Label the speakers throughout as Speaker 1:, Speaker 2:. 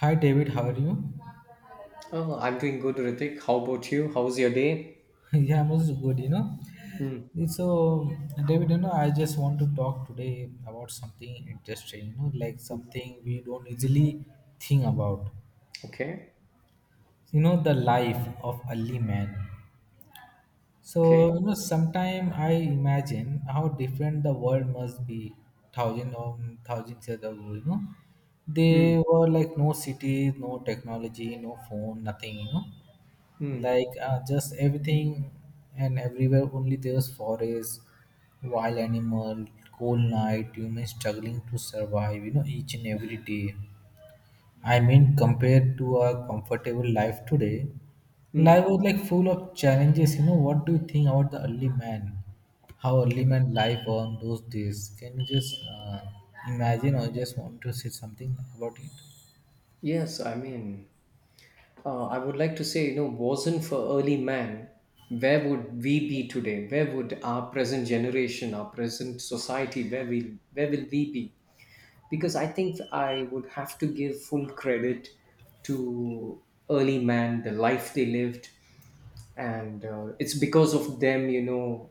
Speaker 1: Hi David, how are you?
Speaker 2: Oh, I'm doing good, Ritik. How about you? How's your day?
Speaker 1: Yeah, I'm also good, you know.
Speaker 2: Mm.
Speaker 1: So David, you know, I just want to talk today about something interesting, you know, like
Speaker 2: Mm.
Speaker 1: something we don't easily think about.
Speaker 2: Okay.
Speaker 1: You know, the life of early man. So,
Speaker 2: Okay.
Speaker 1: you know, sometime I imagine how different the world must be thousand or thousands years ago, you know.
Speaker 2: Mm.
Speaker 1: They were like no cities, no technology, no phone, nothing, you know.
Speaker 2: Mm.
Speaker 1: Just everything and everywhere only there's forest, wild animal, cold night, human struggling to survive, you know, each and every day. I mean, compared to our comfortable life today, life
Speaker 2: Mm.
Speaker 1: was like full of challenges. You know, what do you think about the early man? How early man life on those days? Can you just imagine or just want to say something about it?
Speaker 2: Yes, I mean, I would like to say, you know, wasn't for early man, where would we be today? Where would our present generation, our present society, where will we be? Because I think I would have to give full credit to early man, the life they lived, and it's because of them, you know,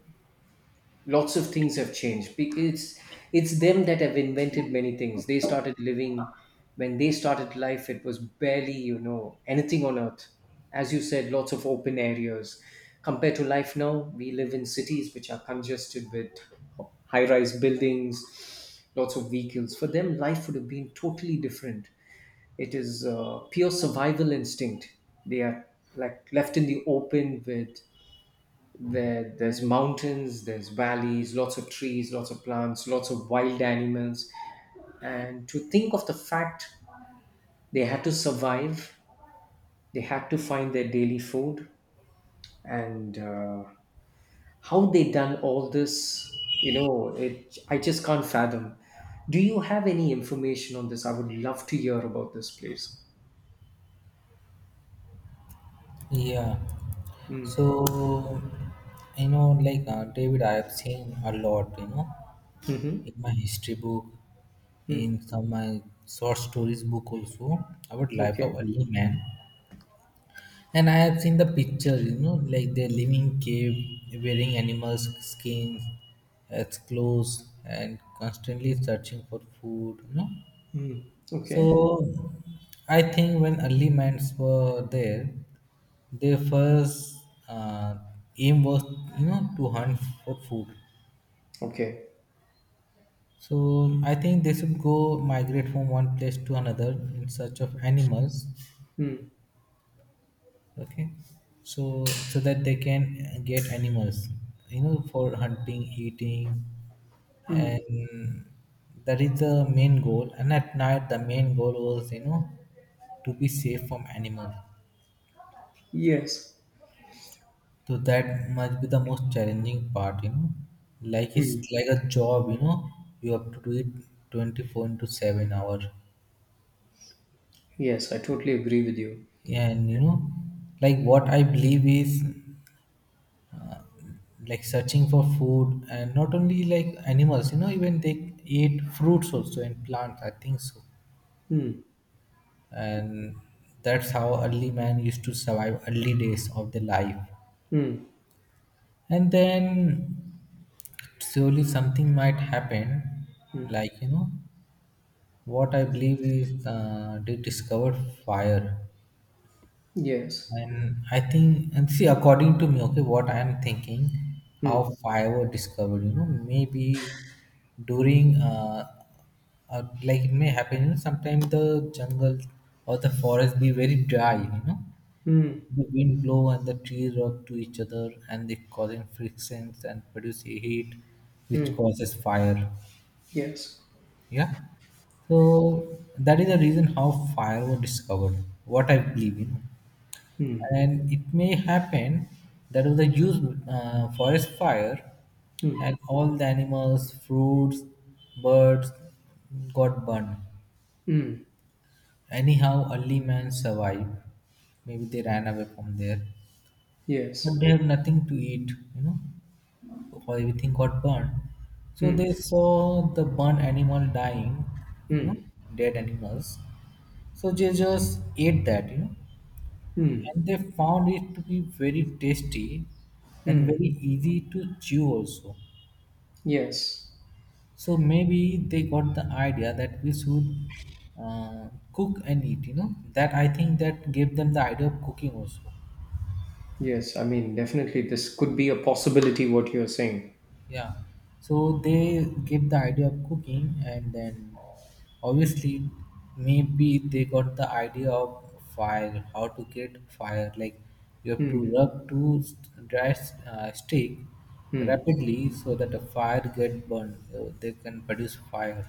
Speaker 2: lots of things have changed. It's them that have invented many things. They started living When they started life, it was barely, you know, anything on earth. As you said, lots of open areas compared to life now. We live in cities which are congested with high rise buildings, lots of vehicles. For them, life would have been totally different. It is pure survival instinct. They are like left in the open with there's mountains, there's valleys, lots of trees, lots of plants, lots of wild animals. And to think of the fact they had to survive, they had to find their daily food, and how they done all this, you know, I just can't fathom. Do you have any information on this? I would love to hear about this place.
Speaker 1: Yeah.
Speaker 2: Mm.
Speaker 1: So, you know, David, I have seen a lot, you know,
Speaker 2: Mm-hmm.
Speaker 1: in my history book, in
Speaker 2: Mm.
Speaker 1: some my short stories book also about life of
Speaker 2: Okay.
Speaker 1: early man. And I have seen the picture, you know, like they're living cave, wearing animals' skins as clothes, and constantly searching for food, you know.
Speaker 2: Mm.
Speaker 1: So
Speaker 2: Okay.
Speaker 1: I think when early minds were there, their first uh, aim was, you know, to hunt for food.
Speaker 2: Okay.
Speaker 1: So I think they should go migrate from one place to another in search of animals.
Speaker 2: Mm.
Speaker 1: Okay. So so that they can get animals, you know, for hunting eating, and that is the main goal. And at night the main goal was, you know, to be safe from animals.
Speaker 2: Yes.
Speaker 1: So that must be the most challenging part, you know. Like it's
Speaker 2: Mm.
Speaker 1: like a job, you know, you have to do it 24 into 7 hour.
Speaker 2: Yes, I totally agree with you.
Speaker 1: And you know, like what I believe is, like searching for food and not only like animals, you know, even they eat fruits also and plants, I think so.
Speaker 2: Mm,
Speaker 1: And that's how early man used to survive early days of their life.
Speaker 2: mm,
Speaker 1: And then surely something might happen.
Speaker 2: mm.
Speaker 1: Like you know, what I believe is, they discovered fire.
Speaker 2: Yes.
Speaker 1: And I think, and see, according to me, okay, what I am thinking, how
Speaker 2: Mm,
Speaker 1: fire was discovered, you know, maybe during, uh, like it may happen, you know, sometimes the jungle or the forest be very dry, you know,
Speaker 2: mm,
Speaker 1: the wind blow and the trees rub to each other and they causing frictions and produce heat, which
Speaker 2: mm.
Speaker 1: causes fire.
Speaker 2: Yes.
Speaker 1: Yeah. So that is the reason how fire was discovered. What I believe in.
Speaker 2: Mm,
Speaker 1: And it may happen that was a huge forest fire,
Speaker 2: mm,
Speaker 1: and all the animals fruits birds got burned.
Speaker 2: mm.
Speaker 1: Anyhow, early man survived. Maybe they ran away from there. But
Speaker 2: Yes.
Speaker 1: they have nothing to eat, you know. Or everything got burned. So
Speaker 2: Mm,
Speaker 1: they saw the burnt animal dying, you know,
Speaker 2: mm,
Speaker 1: dead animals. So they just ate that, you know.
Speaker 2: mm,
Speaker 1: And they found it to be very tasty and
Speaker 2: mm.
Speaker 1: very easy to chew also.
Speaker 2: Yes.
Speaker 1: So maybe they got the idea that we should uh, cook and eat. You know that I think that gave them the idea of cooking also.
Speaker 2: Yes. I mean, definitely, this could be a possibility, what you're saying.
Speaker 1: Yeah. So they gave the idea of cooking, and then obviously maybe they got the idea of fire, how to get fire. Like you have to rub two st- dry s- stick rapidly so that the fire get burned. So they can produce fire,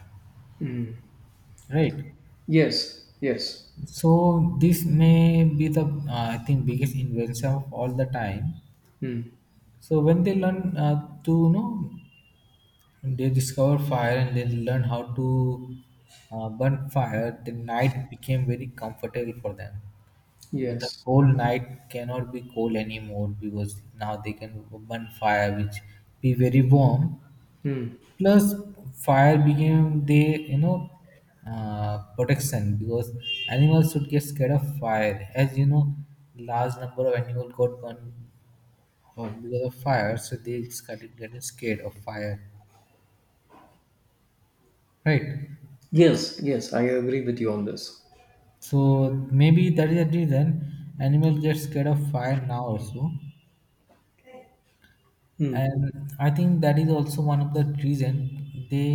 Speaker 1: right?
Speaker 2: Yes. Yes.
Speaker 1: So this may be the I think biggest invention of all the time.
Speaker 2: Mm,
Speaker 1: So when they learn to you know they discover fire and they learn how to burn fire, the night became very comfortable for them. Because the
Speaker 2: yes.
Speaker 1: cold night cannot be cold anymore because now they can burn fire, which be very warm.
Speaker 2: Mm.
Speaker 1: Plus fire became the, you know, protection, because animals should get scared of fire. As you know, large number of animals got burned because of fire, so they started getting scared of fire, right?
Speaker 2: Yes. Yes. I agree with you on this.
Speaker 1: So maybe that is the reason animals get scared of fire now also.
Speaker 2: Mm.
Speaker 1: And I think that is also one of the reason they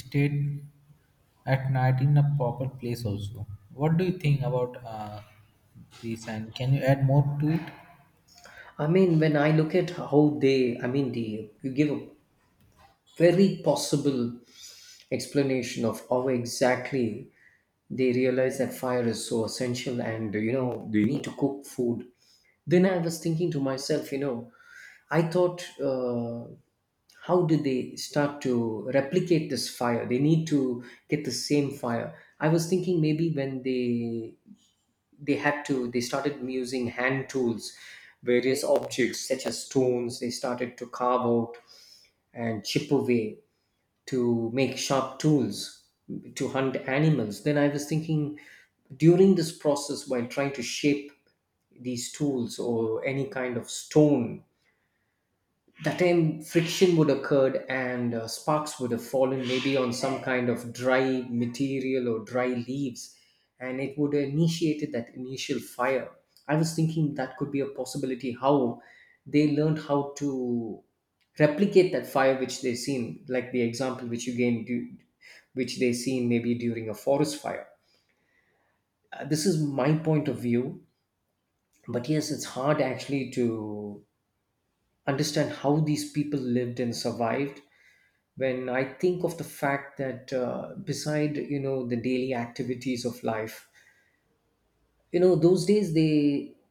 Speaker 1: stayed at night in a proper place also. What do you think about this, and can you add more to it?
Speaker 2: I mean, when I look at I mean, the you give a very possible explanation of how exactly they realize that fire is so essential, and you know they need to cook food. Then I was thinking to myself, you know, I thought, how did they start to replicate this fire? They need to get the same fire. I was thinking, maybe when they had to they started using hand tools, various objects such as stones. They started to carve out and chip away to make sharp tools to hunt animals. Then I was thinking, during this process, while trying to shape these tools or any kind of stone, that time friction would occurred, and sparks would have fallen maybe on some kind of dry material or dry leaves, and it would have initiated that initial fire. I was thinking that could be a possibility how they learned how to replicate that fire, which they seen, like the example which you which they seen maybe during a forest fire. This is my point of view, but yes, it's hard actually to understand how these people lived and survived. When I think of the fact that beside, you know, the daily activities of life, you know those days, they,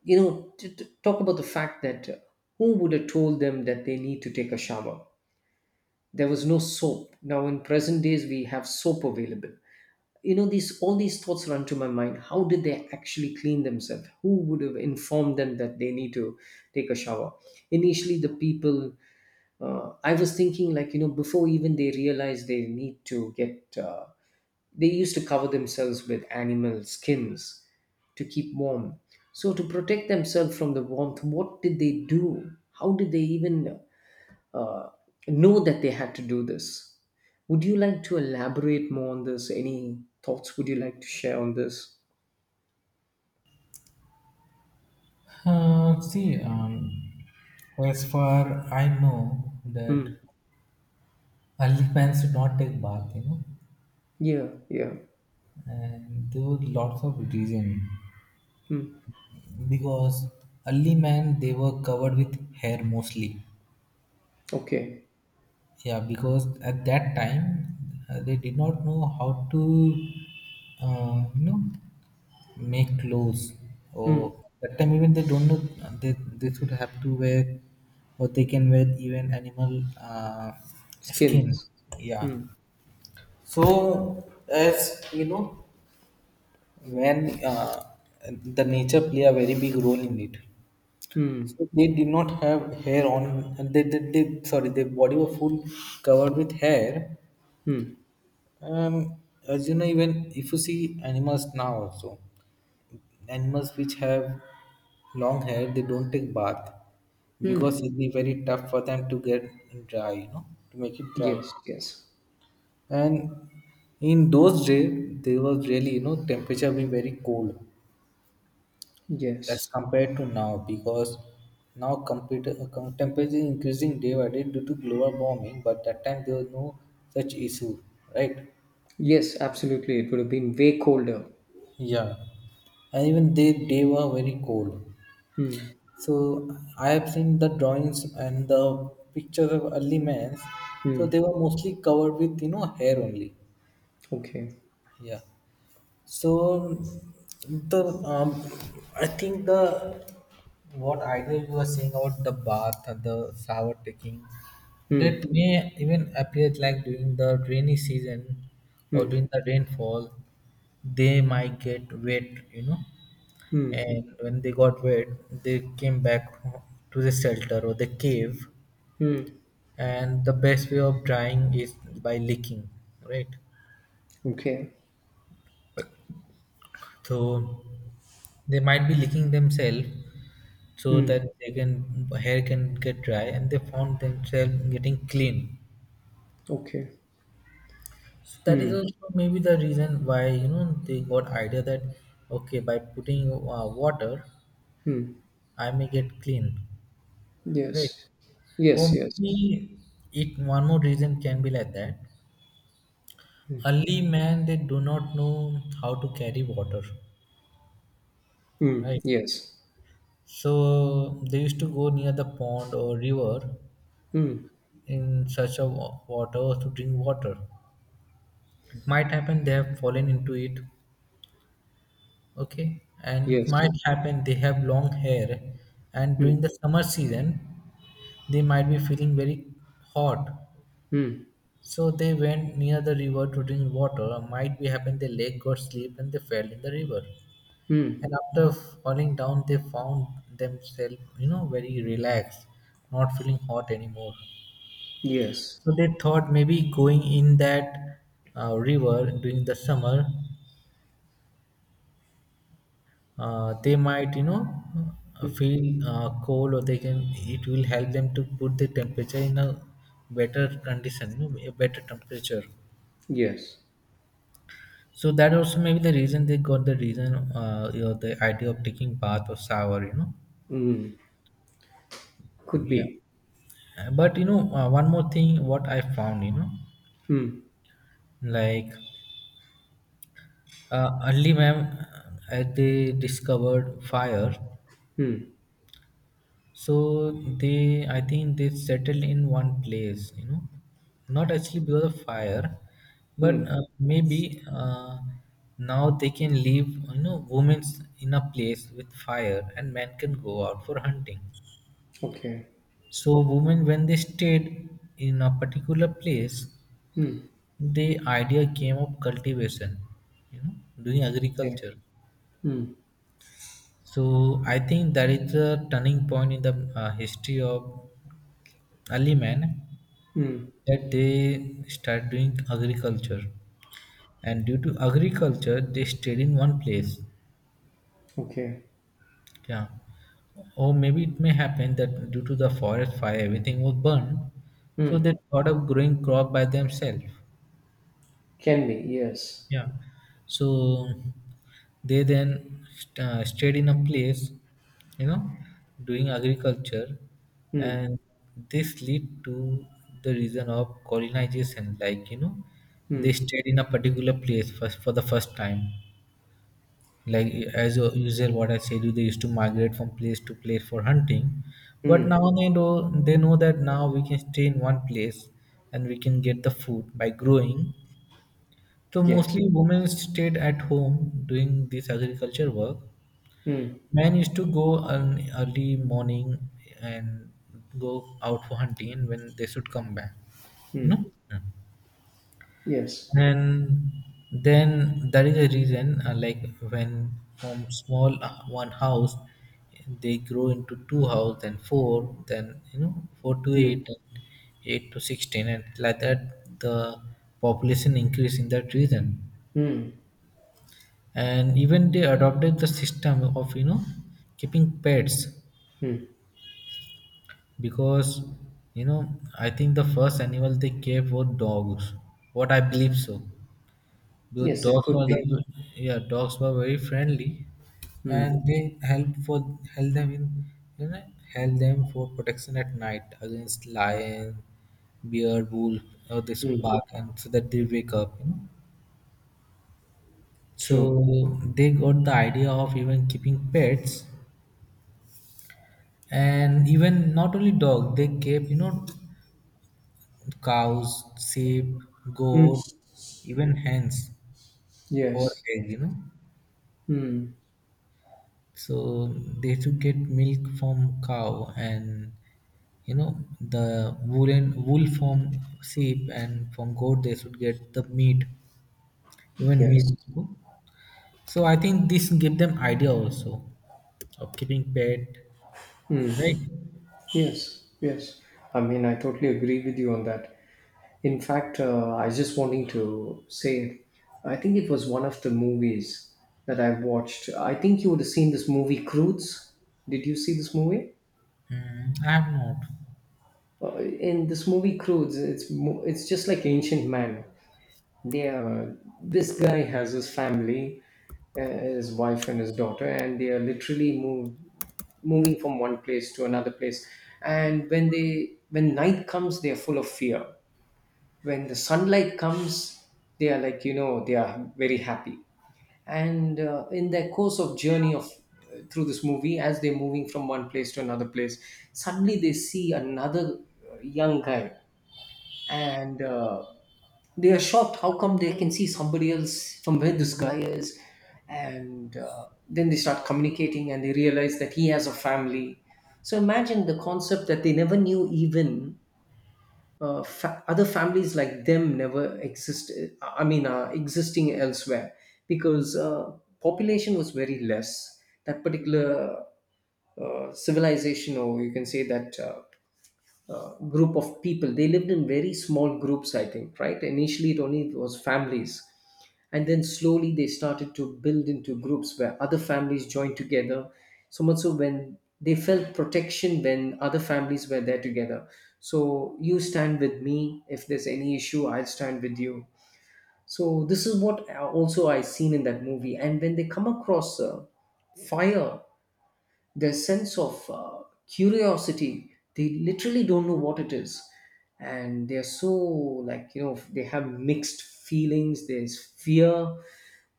Speaker 2: you know, talk about the fact that, who would have told them that they need to take a shower? There was no soap. Now in present days we have soap available. You know, these thoughts run to my mind. How did they actually clean themselves? Who would have informed them that they need to take a shower? Initially, the people I was thinking, like, you know, before even they realize they need to get, they used to cover themselves with animal skins to keep warm. So to protect themselves from the warmth, what did they do? How did they even, uh, know that they had to do this? Would you like to elaborate more on this? Any thoughts would you like to share on this?
Speaker 1: See, as far I know
Speaker 2: Hmm.
Speaker 1: that early parents do not take bath, you know,
Speaker 2: Yeah, yeah.
Speaker 1: and there were lots of reason,
Speaker 2: Hmm.
Speaker 1: because early men they were covered with hair mostly.
Speaker 2: Okay.
Speaker 1: Yeah, because at that time they did not know how to, you know, make clothes.
Speaker 2: Hmm.
Speaker 1: Or that time even they don't know they should have to wear or they can wear even animal skin.
Speaker 2: Skins.
Speaker 1: Yeah.
Speaker 2: Hmm.
Speaker 1: So as you know, when the nature play a very big role in it.
Speaker 2: Hmm.
Speaker 1: So they did not have hair on. And they sorry, their body were full covered with hair.
Speaker 2: Hmm.
Speaker 1: Um, as you know, even if you see animals now also, animals which have long hair, they don't take bath because it'd be very tough for them to get dry, you know, to make it dry.
Speaker 2: Yes, yes.
Speaker 1: And in those days, there was really, you know, temperature being very cold as
Speaker 2: Yes.
Speaker 1: compared to now, because now temperature is increasing day by day due to global warming, but that time there was no such issue, right?
Speaker 2: Yes, absolutely. It would have been way colder.
Speaker 1: Yeah, and even they were very cold.
Speaker 2: Hmm.
Speaker 1: So I have seen the drawings and the pictures of early men. So
Speaker 2: Hmm.
Speaker 1: they were mostly covered with you know hair only.
Speaker 2: Okay.
Speaker 1: Yeah. So the I think the what idea you were saying about the bath and the shower taking,
Speaker 2: Hmm.
Speaker 1: that may even appear like during the rainy season or
Speaker 2: Hmm.
Speaker 1: during the rainfall. They might get wet, you know,
Speaker 2: Hmm.
Speaker 1: and when they got wet they came back to the shelter or the cave.
Speaker 2: Hmm.
Speaker 1: And the best way of drying is by licking, right?
Speaker 2: Okay.
Speaker 1: So they might be licking themselves so
Speaker 2: Hmm.
Speaker 1: that they can hair can get dry, and they found themselves getting clean.
Speaker 2: Okay.
Speaker 1: So that is
Speaker 2: Hmm.
Speaker 1: also maybe the reason why, you know, they got idea that okay, by putting water
Speaker 2: Hmm.
Speaker 1: I may get clean, right?
Speaker 2: Yes.
Speaker 1: Or
Speaker 2: Yes. Yes.
Speaker 1: maybe it one more reason can be like that early man they do not know how to carry water,
Speaker 2: Hmm.
Speaker 1: right?
Speaker 2: Yes.
Speaker 1: So they used to go near the pond or river
Speaker 2: Hmm.
Speaker 1: in search of water or to drink water. It might happen they have fallen into it, okay. And it
Speaker 2: Yes.
Speaker 1: might happen they have long hair, and
Speaker 2: Hmm.
Speaker 1: during the summer season they might be feeling very hot.
Speaker 2: Hmm.
Speaker 1: So they went near the river to drink water. Might be happened their leg got slipped and they fell in the river.
Speaker 2: Hmm.
Speaker 1: And after falling down, they found themselves, you know, very relaxed, not feeling hot anymore.
Speaker 2: Yes.
Speaker 1: So they thought maybe going in that river during the summer, they might, you know, feel cold, or they can. It will help them to put the temperature in a better condition, you know, a better temperature.
Speaker 2: Yes.
Speaker 1: So that also maybe the reason they got the reason, you know, the idea of taking bath or shower, you know.
Speaker 2: Hmm. Could
Speaker 1: Yeah.
Speaker 2: be.
Speaker 1: But you know one more thing what I found, you know,
Speaker 2: Hmm.
Speaker 1: like early ma'am as they discovered fire,
Speaker 2: Hmm.
Speaker 1: so they I think they settled in one place, you know, not actually because of fire, but
Speaker 2: Hmm.
Speaker 1: maybe now they can leave you know women's in a place with fire and men can go out for hunting.
Speaker 2: Okay.
Speaker 1: So women, when they stayed in a particular place,
Speaker 2: Hmm.
Speaker 1: the idea came of cultivation, you know, doing
Speaker 2: Okay.
Speaker 1: agriculture.
Speaker 2: Hmm.
Speaker 1: So I think that is the turning point in the history of early man,
Speaker 2: Hmm.
Speaker 1: that they start doing agriculture, and due to agriculture, they stayed in one place.
Speaker 2: Okay.
Speaker 1: Yeah. Or maybe it may happen that due to the forest fire, everything was burned. So
Speaker 2: Hmm.
Speaker 1: they thought of growing crop by themselves.
Speaker 2: Can be. Yes.
Speaker 1: Yeah. So they then stayed in a place, you know, doing agriculture,
Speaker 2: Hmm.
Speaker 1: and this lead to the reason of colonization. Like you know, they
Speaker 2: Hmm.
Speaker 1: stayed in a particular place first for the first time. Like, as a usual, what I said, you, they used to migrate from place to place for hunting. But
Speaker 2: Hmm.
Speaker 1: now, they know that now we can stay in one place and we can get the food by growing. So
Speaker 2: Yes.
Speaker 1: mostly women stayed at home doing this agriculture work.
Speaker 2: Mm.
Speaker 1: Men used to go on early morning and go out for hunting, and when they should come back, you know.
Speaker 2: Mm. Yes.
Speaker 1: And then that is a reason, like, when from small, one house, they grow into two house, then four, then, you know, four to
Speaker 2: Mm.
Speaker 1: eight, and eight to 16, and like that the population increase in that region.
Speaker 2: Mm.
Speaker 1: And even they adopted the system of, you know, keeping pets,
Speaker 2: Mm.
Speaker 1: because, you know, I think the first animal they kept were dogs, what I believe so. The
Speaker 2: Yes, it
Speaker 1: dogs
Speaker 2: could
Speaker 1: were
Speaker 2: be.
Speaker 1: the Yeah, dogs were very friendly,
Speaker 2: Mm.
Speaker 1: and they help for help them in you know help them for protection at night against lion, bear, wolf, or they should
Speaker 2: Mm.
Speaker 1: bark and so that they wake up, you know. So
Speaker 2: True.
Speaker 1: they got the idea of even keeping pets, and even not only dog, they kept, you know, cows, sheep,
Speaker 2: Mm.
Speaker 1: goat, even hens for
Speaker 2: Yes.
Speaker 1: egg, you know.
Speaker 2: Mm.
Speaker 1: So they used to get milk from cow, and, you know, the wool from sheep, and from goat they should get the meat, even milk
Speaker 2: Yes.
Speaker 1: too. So I think this give them idea also of keeping pet, right?
Speaker 2: Yes. Yes. I mean, I totally agree with you on that. In fact, I was just wanting to say, I think it was one of the movies that I watched. I think you would have seen this movie, Croods. Did you see this movie?
Speaker 1: Mm, I have not.
Speaker 2: In this movie, Croods, it's just like Ancient Man. They are This guy has his family, his wife and his daughter, and they are literally moving from one place to another place. And when night comes, they are full of fear. When the sunlight comes, they are, like, you know, they are very happy. And in their course of journey of through this movie, as they're moving from one place to another place, suddenly they see another, young guy, and they are shocked, how come they can see somebody else from where this guy is. And then they start communicating, and they realize that he has a family. So imagine the concept that they never knew even, other families like them never exist. I mean, existing elsewhere, because population was very less, that particular, civilization, or you can say that, group of people. They lived in very small groups, I think, right? Initially, it only was families. And then slowly they started to build into groups where other families joined together. So much so when they felt protection when other families were there together. So you stand with me. If there's any issue, I'll stand with you. So this is what, also I seen in that movie. And when they come across, fire, their sense of, curiosity, they literally don't know what it is. And they're so, like, you know, they have mixed feelings. There's fear,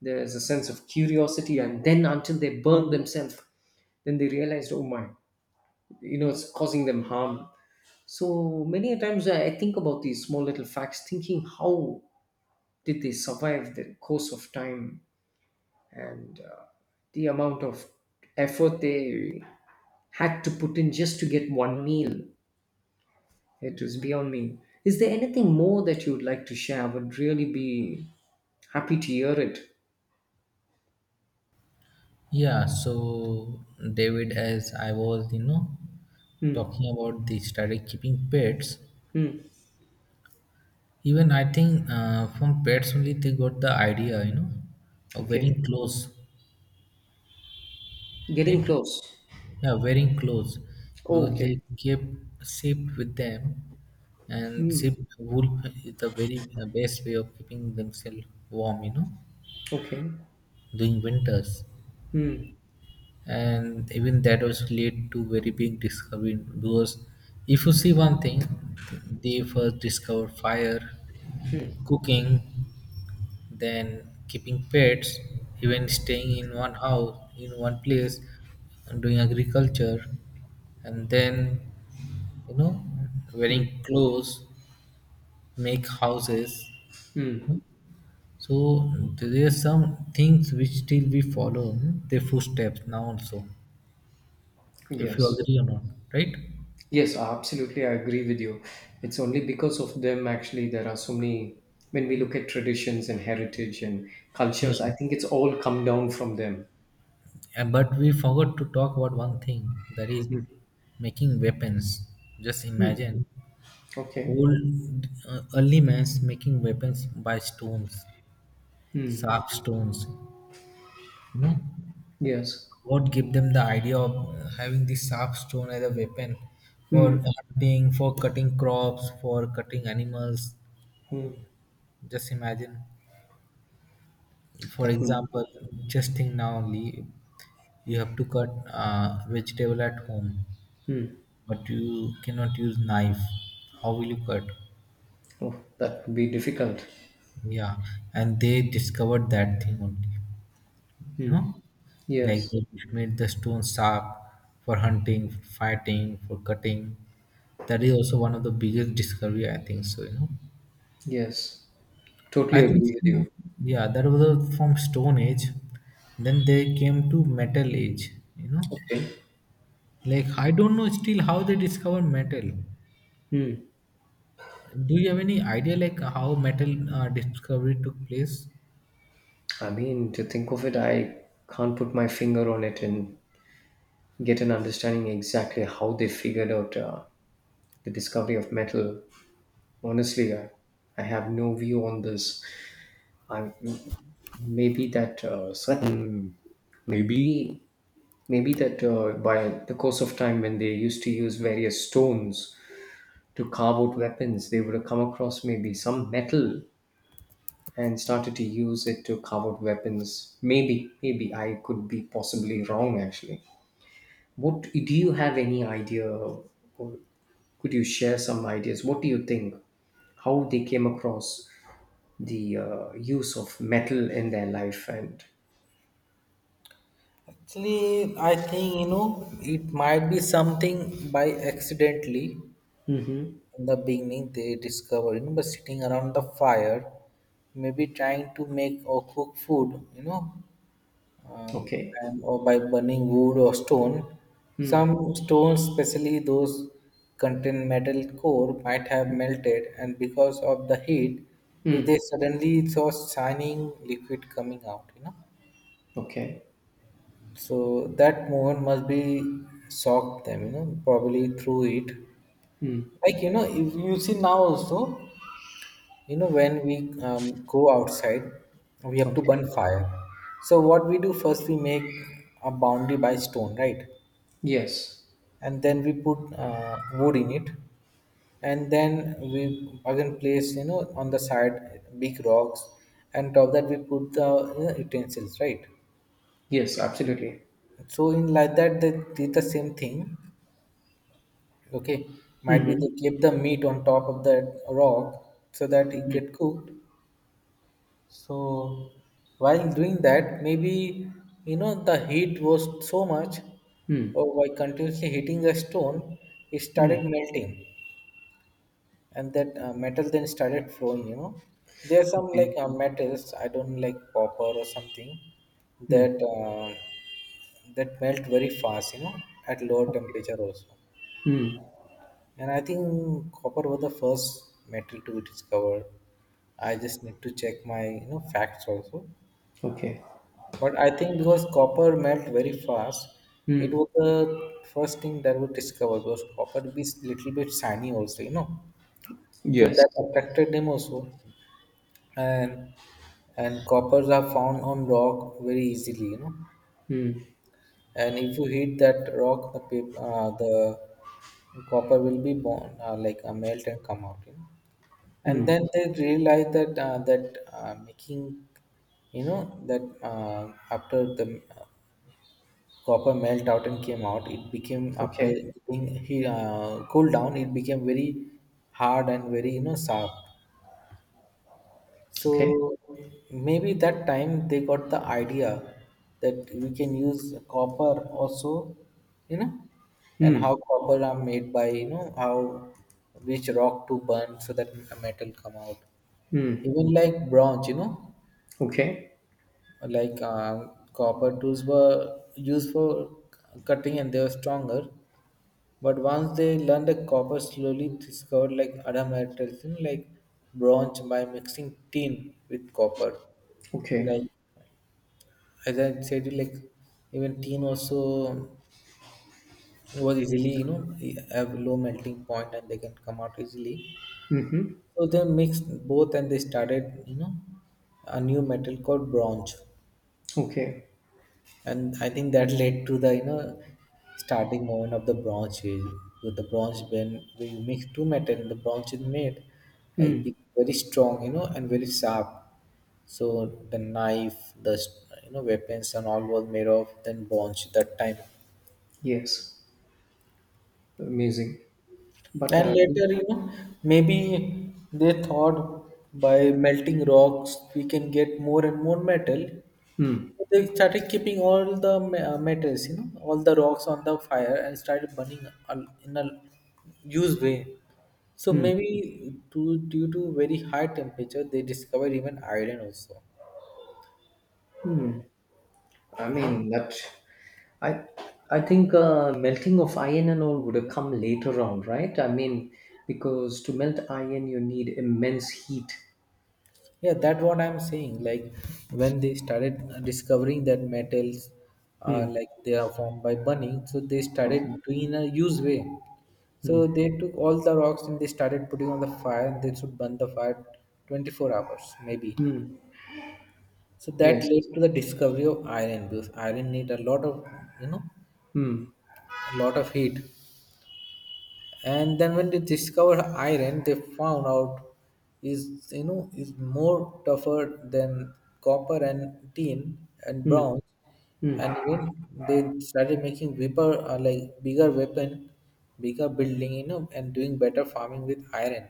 Speaker 2: there's a sense of curiosity, and then until they burn themselves, then they realized, oh my, you know, it's causing them harm. So many a times I think about these small little facts, thinking how did they survive the course of time. And the amount of effort they had to put in just to get one meal. It was beyond me. Is there anything more that you would like to share? I would really be happy to hear it.
Speaker 1: Yeah, so, David, as I was, you know,
Speaker 2: Hmm.
Speaker 1: talking about the started keeping pets.
Speaker 2: Hmm.
Speaker 1: Even I think, from pets only they got the idea, you know, of wearing
Speaker 2: Okay.
Speaker 1: clothes, right?
Speaker 2: Getting close.
Speaker 1: Yeah, wearing clothes,
Speaker 2: Oh,
Speaker 1: because they
Speaker 2: okay.
Speaker 1: kept sheep with them, and sheep
Speaker 2: Hmm.
Speaker 1: wool is the very, best way of keeping themselves warm, you know,
Speaker 2: Okay.
Speaker 1: during winters.
Speaker 2: Hmm.
Speaker 1: And even that was lead to very big discovery, because if you see one thing, they first discovered fire,
Speaker 2: Hmm.
Speaker 1: cooking, then keeping pets, even staying in one house in one place, and doing agriculture, and then, you know, wearing
Speaker 2: Hmm.
Speaker 1: clothes, make houses.
Speaker 2: Hmm.
Speaker 1: So there are some things which still we follow, their footsteps now also, if you
Speaker 2: Yes.
Speaker 1: agree or not, right?
Speaker 2: Yes, absolutely. I agree with you. It's only because of them, actually, there are so many. When we look at traditions and heritage and
Speaker 1: Yeah,
Speaker 2: cultures, I think it's all come down from them.
Speaker 1: and but we forgot to talk about one thing, that is making weapons. Just
Speaker 2: Hmm.
Speaker 1: imagine
Speaker 2: Okay.
Speaker 1: old, early man's making weapons by stones, sharp stones, you know.
Speaker 2: Yes.
Speaker 1: What give them the idea of, having the sharp stone as a weapon,
Speaker 2: Hmm.
Speaker 1: for hunting, for cutting crops, for cutting animals?
Speaker 2: Hmm.
Speaker 1: Just imagine, for
Speaker 2: That would.
Speaker 1: example, just think, now only you have to cut, vegetable at home,
Speaker 2: Hmm.
Speaker 1: but you cannot use knife. How will you cut?
Speaker 2: Oh, that would be difficult.
Speaker 1: Yeah, and they discovered that thing only, you know. Like,
Speaker 2: Yes,
Speaker 1: they made the stone sharp for hunting, for fighting, for cutting. That is also one of the biggest discovery, I think so, you know.
Speaker 2: yes,
Speaker 1: I
Speaker 2: totally
Speaker 1: think
Speaker 2: agree with
Speaker 1: so.
Speaker 2: you.
Speaker 1: Yeah, that was, from stone age, then they came to metal age, you know.
Speaker 2: Okay.
Speaker 1: Like, I don't know still how they discover metal.
Speaker 2: Hmm.
Speaker 1: Do you have any idea like how metal, discovery took place?
Speaker 2: I mean, to think of it, I can't put my finger on it and get an understanding exactly how they figured out, the discovery of metal. Honestly, I have no view on this. I maybe that certain maybe maybe that by the course of time, when they used to use various stones to carve out weapons, they would have come across maybe some metal and started to use it to carve out weapons. Maybe I could be possibly wrong actually. What Do you have any idea, or could you share some ideas? What do you think, how they came across the, use of metal in their life? And
Speaker 1: Actually, I think, you know, it might be something by accidentally.
Speaker 2: hmm.
Speaker 1: In the beginning they discover, you know, by sitting around the fire, maybe trying to make or cook food, you know, um,
Speaker 2: Okay.
Speaker 1: and or by burning wood or stone, some
Speaker 2: Mm.
Speaker 1: stones especially those contain metal core might have melted, and because of the heat, if they
Speaker 2: Mm.
Speaker 1: suddenly saw shining liquid coming out, you know,
Speaker 2: Okay.
Speaker 1: so that moment must be shocked them, you know, probably through it.
Speaker 2: Mm.
Speaker 1: Like, you know, if you see now also, you know, when we, go outside we have to burn
Speaker 2: Okay.
Speaker 1: fire. So what we do first, we make a boundary by stone, right?
Speaker 2: Yes.
Speaker 1: And then we put, wood in it, and then we again place, you know, on the side big rocks, and top that we put the, you know, utensils, right?
Speaker 2: Yes, absolutely.
Speaker 1: So in like that they did the same thing, okay, might be
Speaker 2: Mm-hmm.
Speaker 1: they kept the meat on top of that rock so that it
Speaker 2: Mm.
Speaker 1: get cooked. So while doing that, maybe, you know, the heat was so much,
Speaker 2: Mm.
Speaker 1: or while continuously hitting a stone, it started
Speaker 2: Mm.
Speaker 1: melting, and that, metal then started flowing, you know. There are some, like,
Speaker 2: Okay.
Speaker 1: metals, I don't know, like copper or something,
Speaker 2: Mm.
Speaker 1: that uh, that melt very fast, you know, at lower
Speaker 2: Okay.
Speaker 1: temperature also.
Speaker 2: Mm.
Speaker 1: And I think copper was the first metal to be discovered. I just need to check my, you know, facts also.
Speaker 2: Okay.
Speaker 1: But I think because copper melt very fast, it
Speaker 2: Mm.
Speaker 1: was the first thing that was discovered, because copper is little bit shiny also, you know. So
Speaker 2: Yes.
Speaker 1: that attracted them also, and and coppers are found on rock very easily, you know.
Speaker 2: Mm.
Speaker 1: And if you hit that rock, the copper will be born, like, melt and come out, you know. And
Speaker 2: Mm.
Speaker 1: then they realized that, after the copper melt out and came out. It became, after
Speaker 2: Okay.
Speaker 1: being he cooled down, it became very hard and very, you know, sharp. So
Speaker 2: Okay.
Speaker 1: maybe that time they got the idea that we can use copper also, you know, and
Speaker 2: Mm.
Speaker 1: how copper are made, by, you know, how, which rock to burn so that metal come out.
Speaker 2: Mm.
Speaker 1: Even like bronze, you know,
Speaker 2: Okay.
Speaker 1: like, copper tools were used for cutting and they were stronger. But once they learned that copper, slowly discovered like other metals, you know, like bronze, by mixing tin with copper.
Speaker 2: Okay.
Speaker 1: Like, as I said, like, even tin also was easily, you know, have low melting point and they can come out easily.
Speaker 2: Mm-hmm.
Speaker 1: So they mixed both and they started, you know, a new metal called bronze.
Speaker 2: Okay.
Speaker 1: And I think that led to the, you know, starting moment of the Bronze Age, with the bronze. When you mix two metal and the bronze is made, it
Speaker 2: Mm.
Speaker 1: becomes very strong, you know, and very sharp. So the knife, you know, weapons and all was made of then bronze at that time.
Speaker 2: Yes. Amazing. But,
Speaker 1: And
Speaker 2: mm.
Speaker 1: later, you know, maybe they thought by melting rocks we can get more and more metal.
Speaker 2: Mm.
Speaker 1: So they started keeping all the metals, you know, all the rocks on the fire, and started burning in a used way. So maybe due to very high temperature, they discovered even iron also,
Speaker 2: Mm. I
Speaker 1: you know?
Speaker 2: mean that I I think, melting of iron and all would have come later on, right? I mean, because to melt iron, you need immense heat.
Speaker 1: Yeah, that's what I'm saying. Like, when they started discovering that metals are,
Speaker 2: Hmm.
Speaker 1: like, they are formed by burning, so they started
Speaker 2: Okay.
Speaker 1: doing a use way.
Speaker 2: Hmm.
Speaker 1: So they took all the rocks and they started putting on the fire and they should burn the fire 24 hours maybe.
Speaker 2: Hmm.
Speaker 1: So that
Speaker 2: Yes.
Speaker 1: led to the discovery of iron, because iron need a lot of, you know,
Speaker 2: Hmm.
Speaker 1: a lot of heat. And then when they discovered iron, they found out is, you know, is more tougher than copper and tin and
Speaker 2: Hmm.
Speaker 1: bronze,
Speaker 2: Hmm.
Speaker 1: and even they started making weaper like bigger weapon, bigger building, you know, and doing better farming with iron.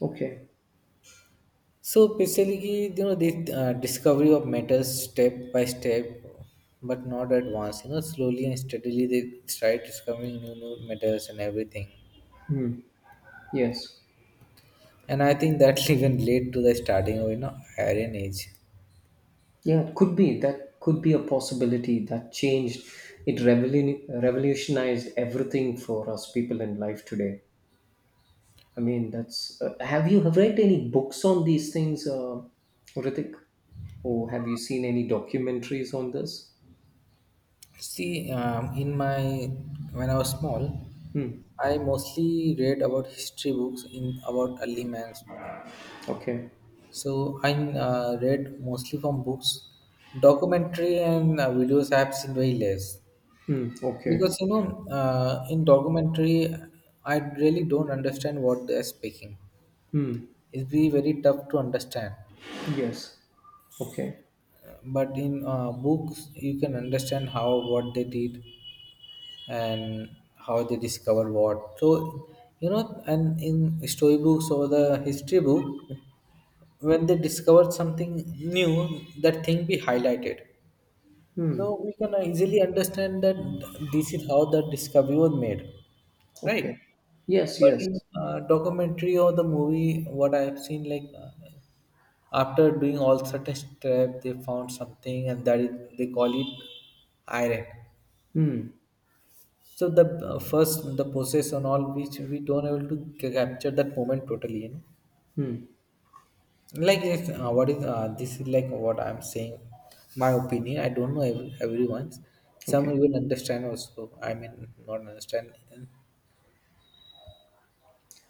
Speaker 2: Okay.
Speaker 1: So basically, you know, the, discovery of metals step by step, but not at once, you know, slowly and steadily they started discovering new metals and everything.
Speaker 2: Hmm. Yes.
Speaker 1: And I think that even led to the starting of, you know, Iron Age.
Speaker 2: Yeah, it could be. That could be a possibility that changed. It revolutionized everything for us people in life today. I mean, that's. Have you read any books on these things, Ritik? Or have you seen any documentaries on this?
Speaker 1: See, in my when I was small,
Speaker 2: Hmm.
Speaker 1: I mostly read about history books in about early man's.
Speaker 2: Okay.
Speaker 1: So I, read mostly from books, documentary, and, videos. I have seen very less,
Speaker 2: Hmm. Okay.
Speaker 1: because, you know, in documentary I really don't understand what they are speaking.
Speaker 2: Hmm.
Speaker 1: It's be very tough to understand.
Speaker 2: Yes. Okay.
Speaker 1: But in, books you can understand how what they did, and how they discover what. So, you know, and in story books or the history book, when they discover something new, that thing be highlighted.
Speaker 2: Hmm.
Speaker 1: So we can easily understand that this is how the discovery was made, right?
Speaker 2: Okay. Yes.
Speaker 1: But
Speaker 2: Yes.
Speaker 1: in, documentary or the movie, what I have seen, like, after doing all certain step, they found something, and that is, they call it iron.
Speaker 2: Hmm.
Speaker 1: So the, first the process and all which we don't able to capture that moment totally, you
Speaker 2: Hmm.
Speaker 1: know. Like, it's, what is this is like what I'm saying, my opinion. I don't know everyone's. Some
Speaker 2: Okay.
Speaker 1: even understand also. I mean, not understand,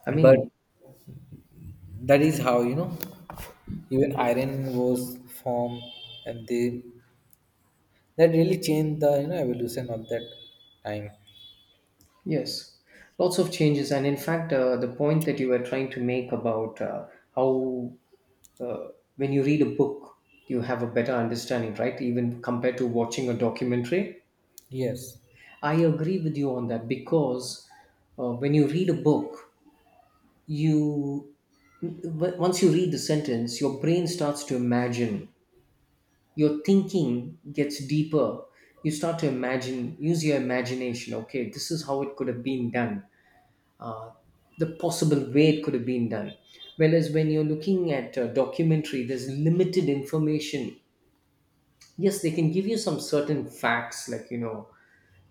Speaker 2: I
Speaker 1: but
Speaker 2: mean,
Speaker 1: that is how, you know, even iron was formed, and they that really changed the, you know, evolution of that time.
Speaker 2: yes, lots of changes, and in fact, the point that you were trying to make about, how, uh, when you read a book, you have a better understanding, right? Even compared to watching a documentary.
Speaker 1: Yes.
Speaker 2: I agree with you on that, because when you read a book, you, once you read the sentence, your brain starts to imagine. Your thinking gets deeper. You start to imagine, use your imagination. Okay, this is how it could have been done, the possible way it could have been done. Whereas when you're looking at a documentary, there's limited information. Yes, they can give you some certain facts, like, you know,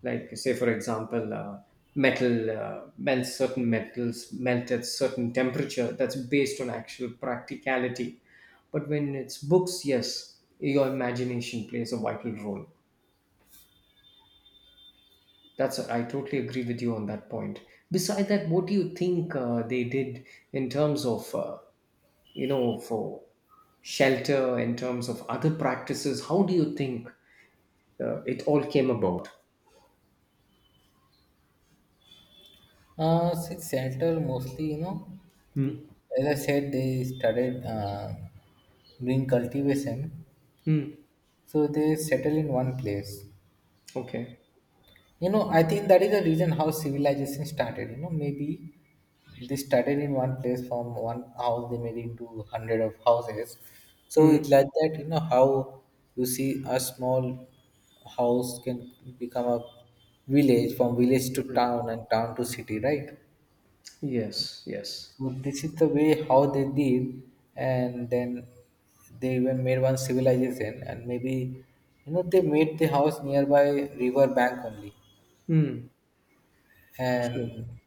Speaker 2: like, say, for example, metal, melt certain metals melt at certain temperature. That's based on actual practicality. But when it's books, yes, your imagination plays a vital role. That's, I totally agree with you on that point. Beside that, what do you think, they did in terms of, you know, for shelter, in terms of other practices? How do you think, it all came about?
Speaker 1: Since seattle, mostly, you know,
Speaker 2: Hmm.
Speaker 1: as I said, they started, doing cultivation.
Speaker 2: Hmm.
Speaker 1: So they settle in one place.
Speaker 2: Okay.
Speaker 1: You know, I think that is the reason how civilization started. You know, maybe they started in one place, from one house they made into hundred of houses. So it's
Speaker 2: Hmm.
Speaker 1: like that, you know, how you see a small house can become a village, from village to town, and town to city, right?
Speaker 2: Yes. Yes.
Speaker 1: So this is the way how they did, and then they even made one civilization, and maybe, you know, they made the house nearby river bank only.
Speaker 2: Hmm. True.
Speaker 1: And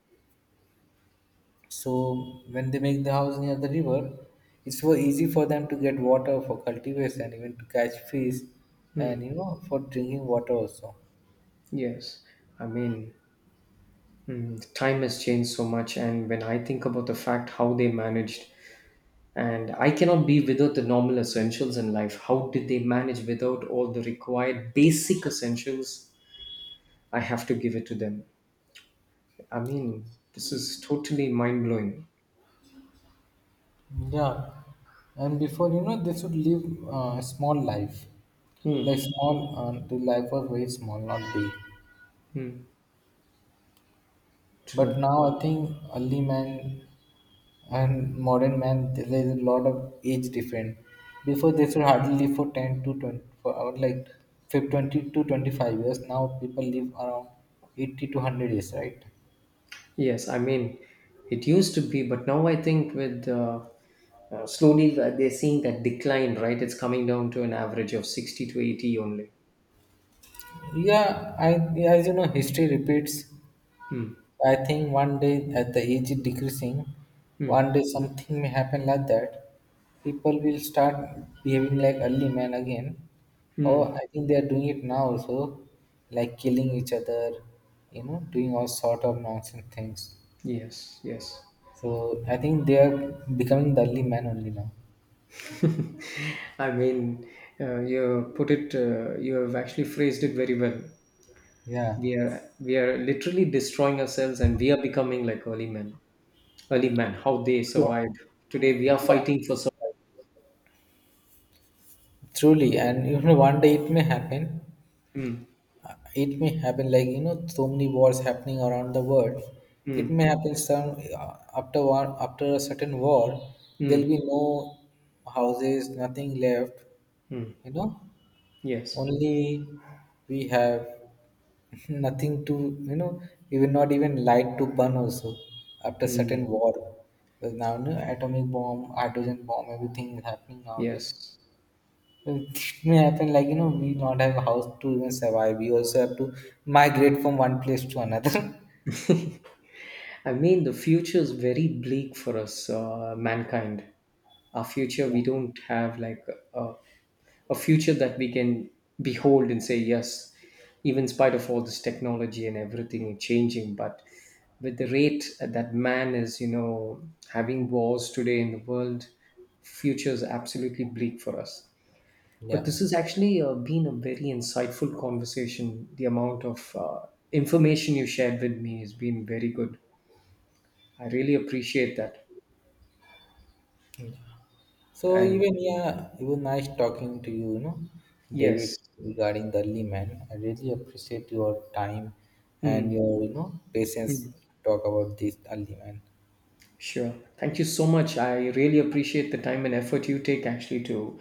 Speaker 1: so when they make the house near the river, it's so easy for them to get water for cultivation, even to catch fish,
Speaker 2: Hmm.
Speaker 1: and, you know, for drinking water also.
Speaker 2: Yes. I mean, time has changed so much, and when I think about the fact how they managed, and I cannot be without the normal essentials in life. How did they manage without all the required basic essentials? I have to give it to them. I mean, this is totally mind blowing.
Speaker 1: Yeah, and before, you know, they should live, a small life,
Speaker 2: Hmm.
Speaker 1: like small, the life was very small, not big.
Speaker 2: Hmm.
Speaker 1: But
Speaker 2: True.
Speaker 1: now I think early man and modern man, there is a lot of age difference. Before they should hardly live for 10 to 20, or like 20 to 25 years. Now people live around 80 to 100 years, right?
Speaker 2: Yes. I mean, it used to be, but now I think with, slowly, they're seeing that decline. Right. It's coming down to an average of 60 to 80 only.
Speaker 1: Yeah, I, as you know, history repeats.
Speaker 2: Hmm.
Speaker 1: I think one day at the age is decreasing,
Speaker 2: Hmm.
Speaker 1: one day something may happen like that. People will start behaving like early man again. Or
Speaker 2: Hmm.
Speaker 1: I think they are doing it now also, like killing each other, you know, doing all sort of nonsense things.
Speaker 2: Yes. Yes.
Speaker 1: So I think they are becoming the early man only now.
Speaker 2: I mean, you put it. You have actually phrased it very well.
Speaker 1: Yeah.
Speaker 2: We are literally destroying ourselves, and we are becoming like early men. Early men, how they
Speaker 1: So
Speaker 2: survived. Today, we are fighting for survival.
Speaker 1: truly, and you know, one day it may happen.
Speaker 2: Mm,
Speaker 1: It may happen, like, you know, so many wars happening around the world. It
Speaker 2: mm,
Speaker 1: may happen, some, uh, after a certain war there'll
Speaker 2: mm.
Speaker 1: be no houses, nothing left, you know.
Speaker 2: Yes.
Speaker 1: Only we have nothing to, you know, even, not even light to burn also, after
Speaker 2: Hmm.
Speaker 1: certain war, because now, you know, atomic bomb, hydrogen bomb, everything is happening nowadays.
Speaker 2: Yes.
Speaker 1: It may happen, like, you know, we not have house to even survive, we also have to migrate from one place to another.
Speaker 2: I mean, the future is very bleak for us, mankind. Our future,
Speaker 1: Yeah.
Speaker 2: we don't have like a, a future that we can behold and say, yes, even in spite of all this technology and everything changing, but with the rate that man is, you know, having wars today in the world, future is absolutely bleak for us. But
Speaker 1: Yeah,
Speaker 2: this has actually, been a very insightful conversation. The amount of, information you shared with me has been very good. I really appreciate that.
Speaker 1: so
Speaker 2: And
Speaker 1: even, yeah, it was nice talking to you, you know, David,
Speaker 2: yes,
Speaker 1: regarding the man. I really appreciate your time and
Speaker 2: hmm,
Speaker 1: your, you know, patience to talk about this early man.
Speaker 2: sure. Thank you so much. I really appreciate the time and effort you take actually to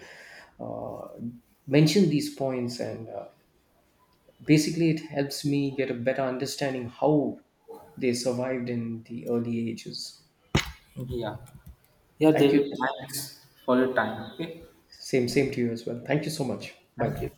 Speaker 2: mention these points. And, basically, it helps me get a better understanding how they survived in the early ages.
Speaker 1: Yeah. Yeah,
Speaker 2: Thank you.
Speaker 1: David, thanks for your time. Okay.
Speaker 2: Same, same to you as well. Thank you so much. Bye
Speaker 1: Thank
Speaker 2: bye.
Speaker 1: you.